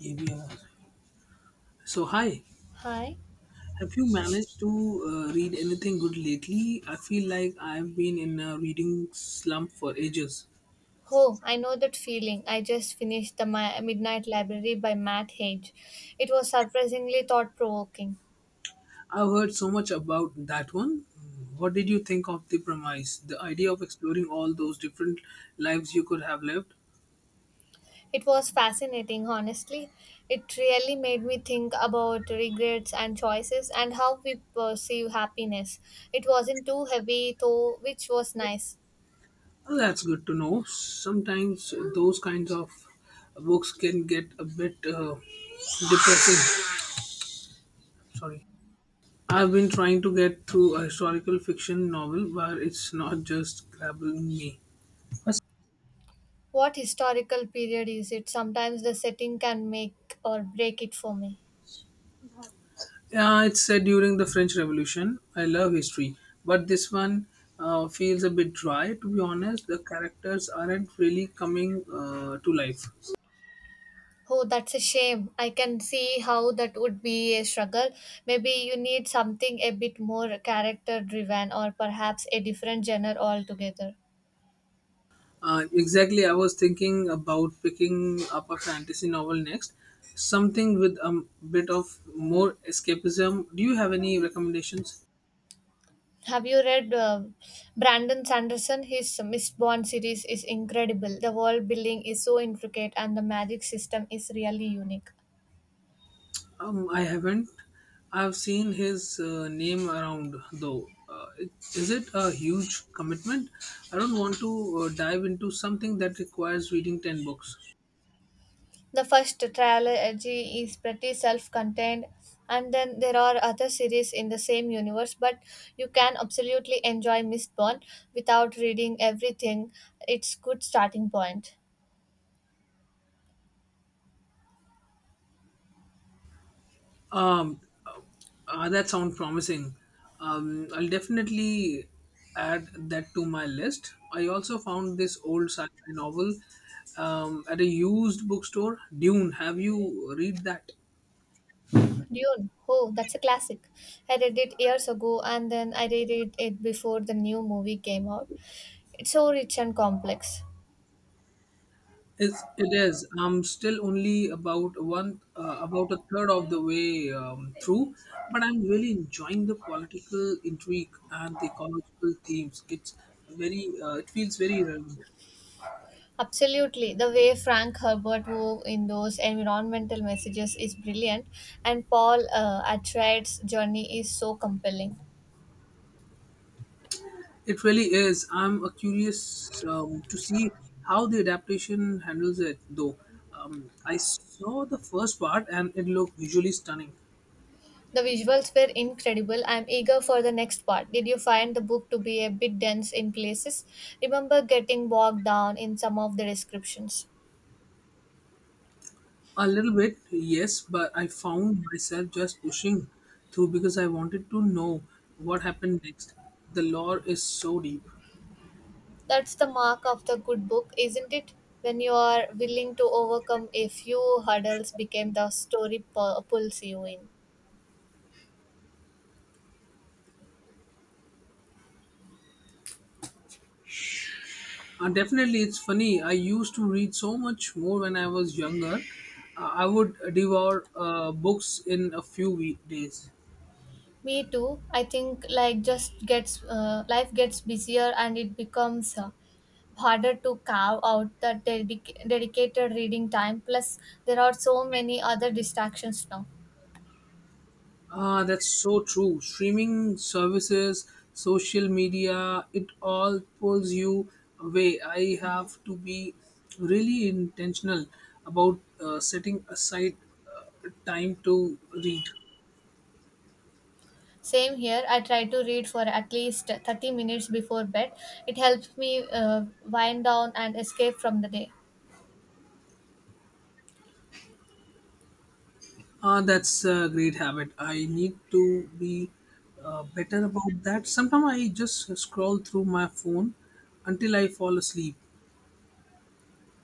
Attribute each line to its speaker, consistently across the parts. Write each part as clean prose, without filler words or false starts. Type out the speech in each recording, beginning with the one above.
Speaker 1: ABM. So, hi.
Speaker 2: Hi.
Speaker 1: Have you managed to read anything good lately? I feel like I've been in a reading slump for ages.
Speaker 2: Oh, I know that feeling. I just finished The Midnight Library by Matt Haig. It was surprisingly thought provoking.
Speaker 1: I've heard so much about that one. What did you think of the premise? The idea of exploring all those different lives you could have lived?
Speaker 2: It was fascinating, honestly. It really made me think about regrets and choices and how we perceive happiness. It wasn't too heavy, though, which was nice.
Speaker 1: Well, that's good to know. Sometimes those kinds of books can get a bit depressing. Sorry. I've been trying to get through a historical fiction novel where it's not just grabbing me.
Speaker 2: What historical period is it? Sometimes the setting can make or break it for me.
Speaker 1: Yeah, it's set during the French Revolution. I love history, but this one feels a bit dry. To be honest, the characters aren't really coming to life.
Speaker 2: Oh, that's a shame. I can see how that would be a struggle. Maybe you need something a bit more character driven or perhaps a different genre altogether.
Speaker 1: Exactly, I was thinking about picking up a fantasy novel next, something with a bit of more escapism. Do you have any recommendations?
Speaker 2: Have you read Brandon Sanderson? His Miss Bond series is incredible. The world building is so intricate and the magic system is really unique.
Speaker 1: I haven't. I've seen his name around though. Is it a huge commitment? I don't want to dive into something that requires reading 10 books.
Speaker 2: The first trilogy is pretty self contained, and then there are other series in the same universe, but you can absolutely enjoy Mistborn without reading everything. It's good starting point.
Speaker 1: Um, that sounds promising. I'll definitely add that to my list. I also found this old sci-fi novel at a used bookstore, Dune. Have you read that?
Speaker 2: Dune, oh, that's a classic. I read it years ago and then I reread it before the new movie came out. It's so rich and complex.
Speaker 1: It is. I'm still only about one about a third of the way through, but I'm really enjoying the political intrigue and the ecological themes. It's very it feels very relevant.
Speaker 2: Absolutely. The way Frank Herbert wove in those environmental messages is brilliant, and Paul Atreides' journey is so compelling.
Speaker 1: It really is. I'm curious to see how the adaptation handles it, though. I saw the first part and it looked visually stunning.
Speaker 2: The visuals were incredible. I'm eager for the next part. Did you find the book to be a bit dense in places? Remember getting bogged down in some of the descriptions.
Speaker 1: A little bit, yes, but I found myself just pushing through because I wanted to know what happened next. The lore is so deep.
Speaker 2: That's the mark of the good book, isn't it? When you are willing to overcome a few hurdles, became the story pulls you in.
Speaker 1: And definitely, it's funny. I used to read so much more when I was younger. I would devour books in a few week days.
Speaker 2: Me too. I think like just gets life gets busier and it becomes harder to carve out the dedicated reading time. Plus, there are so many other distractions now.
Speaker 1: Ah, that's so true. Streaming services, social media, it all pulls you away. I have to be really intentional about setting aside time to read.
Speaker 2: Same here. I try to read for at least 30 minutes before bed. It helps me wind down and escape from the day.
Speaker 1: Ah, that's a great habit. I need to be better about that. Sometimes I just scroll through my phone until I fall asleep.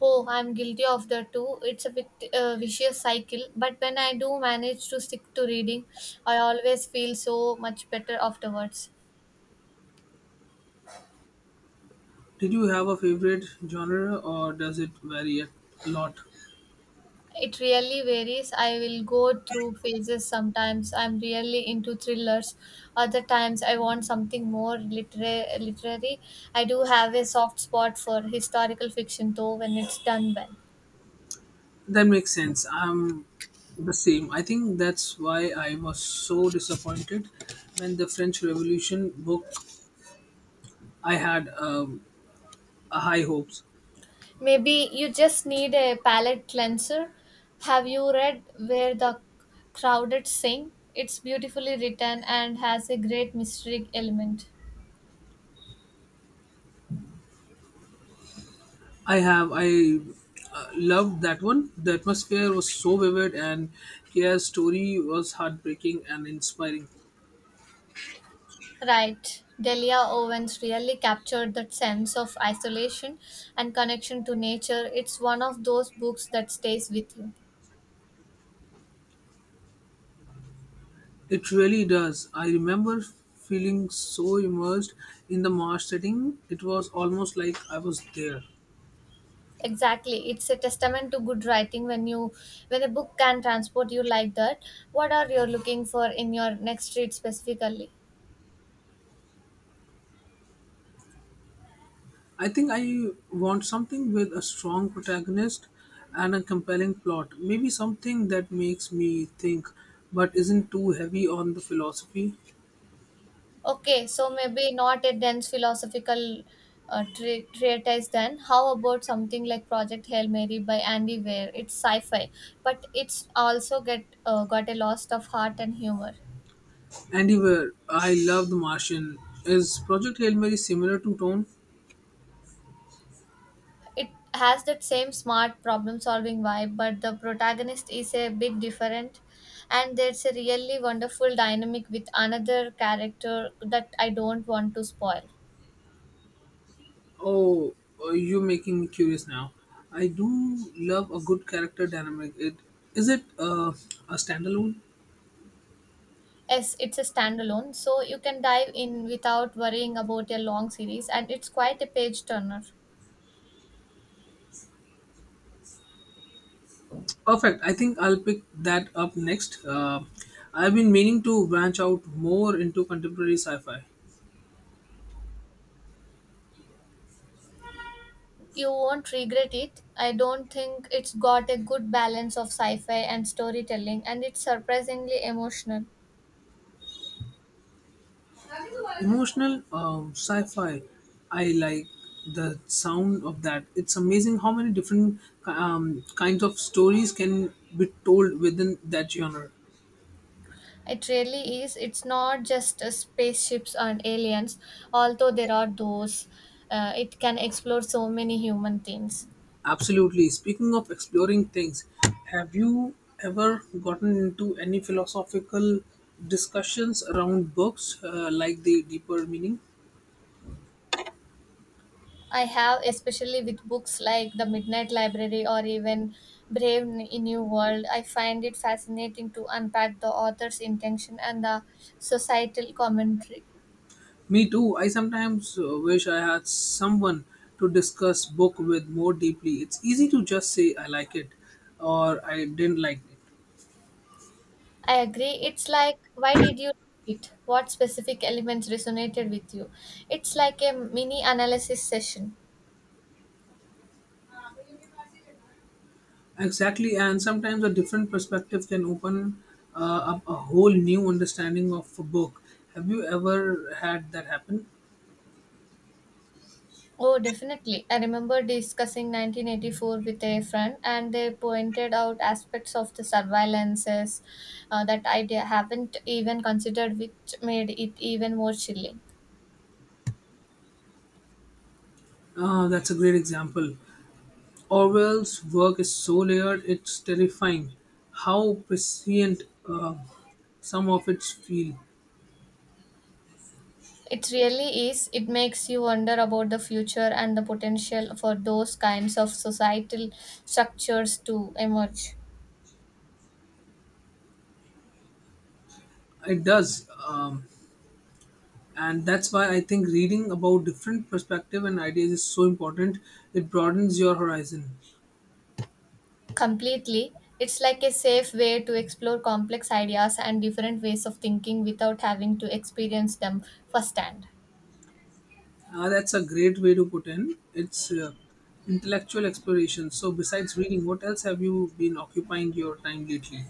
Speaker 2: Oh, I'm guilty of that too. It's a bit vicious cycle, but when I do manage to stick to reading, I always feel so much better afterwards.
Speaker 1: Did you have a favorite genre or does it vary a lot?
Speaker 2: It really varies. I will go through phases. Sometimes I'm really into thrillers. Other times I want something more literary. I do have a soft spot for historical fiction though when it's done well.
Speaker 1: That makes sense. I'm the same. I think that's why I was so disappointed when the French Revolution book. I had a high hopes.
Speaker 2: Maybe you just need a palate cleanser. Have you read Where the Crowded Sing? It's beautifully written and has a great mystery element.
Speaker 1: I have. I loved that one. The atmosphere was so vivid, and Kia's story was heartbreaking and inspiring.
Speaker 2: Right. Delia Owens really captured that sense of isolation and connection to nature. It's one of those books that stays with you.
Speaker 1: It really does. I remember feeling so immersed in the marsh setting. It was almost like I was there.
Speaker 2: Exactly. It's a testament to good writing when you when a book can transport you like that. What are you looking for in your next read specifically?
Speaker 1: I think I want something with a strong protagonist and a compelling plot. Maybe something that makes me think, but isn't too heavy on the philosophy.
Speaker 2: Okay, so maybe not a dense philosophical treatise then. How about something like Project Hail Mary by Andy Weir? It's sci-fi, but it's also get got a lot of heart and humor.
Speaker 1: Anywhere, I love The Martian. Is Project Hail Mary similar to Tone?
Speaker 2: It has that same smart problem-solving vibe, but the protagonist is a bit different, and there's a really wonderful dynamic with another character that I don't want to spoil.
Speaker 1: Oh, you're making me curious now. I do love a good character dynamic. It is it a standalone?
Speaker 2: Yes, it's a standalone, so you can dive in without worrying about a long series, and it's quite a page turner.
Speaker 1: Perfect. I think I'll pick that up next. I've been meaning to branch out more into contemporary sci-fi.
Speaker 2: You won't regret it. I don't think it's got a good balance of sci fi and storytelling, and it's surprisingly emotional.
Speaker 1: Emotional sci-fi. I like the sound of that. It's amazing how many different kinds of stories can be told within that genre.
Speaker 2: It really is. It's not just spaceships and aliens, although there are those. It can explore so many human themes.
Speaker 1: Absolutely. Speaking of exploring things, have you ever gotten into any philosophical discussions around books, like the deeper meaning?
Speaker 2: I have, especially with books like The Midnight Library or even New World. I find it fascinating to unpack the author's intention and the societal commentary.
Speaker 1: Me too. I sometimes wish I had someone to discuss book with more deeply. It's easy to just say I like it or I didn't like it.
Speaker 2: I agree. It's like, why did you read it? What specific elements resonated with you? It's like a mini analysis session.
Speaker 1: Exactly, and sometimes a different perspective can open up a whole new understanding of a book. Have you ever had that happen?
Speaker 2: Oh, definitely. I remember discussing 1984 with a friend, and they pointed out aspects of the surveillances that I haven't even considered, which made it even more chilling.
Speaker 1: That's a great example. Orwell's work is so layered, it's terrifying how prescient some of its feel.
Speaker 2: It really is. It makes you wonder about the future and the potential for those kinds of societal structures to emerge
Speaker 1: It does. And that's why I think reading about different perspective and ideas is so important. It broadens your horizon.
Speaker 2: completely. It's like a safe way to explore complex ideas and different ways of thinking without having to experience them firsthand.
Speaker 1: That's a great way to put in. It's intellectual exploration. So besides reading, what else have you been occupying your time lately?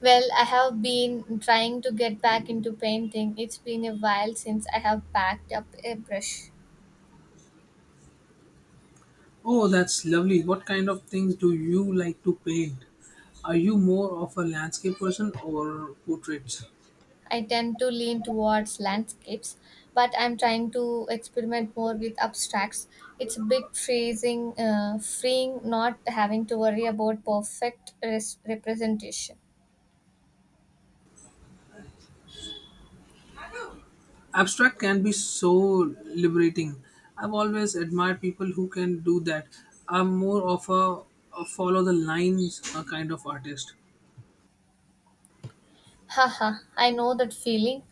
Speaker 2: Well, I have been trying to get back into painting. It's been a while since I have packed up a brush.
Speaker 1: Oh, that's lovely. What kind of things do you like to paint? Are you more of a landscape person or portraits?
Speaker 2: I tend to lean towards landscapes, but I'm trying to experiment more with abstracts. It's a bit freeing not having to worry about perfect representation.
Speaker 1: Abstract can be so liberating. I've always admired people who can do that. I'm more of a follow the lines kind of artist.
Speaker 2: Haha, I know that feeling.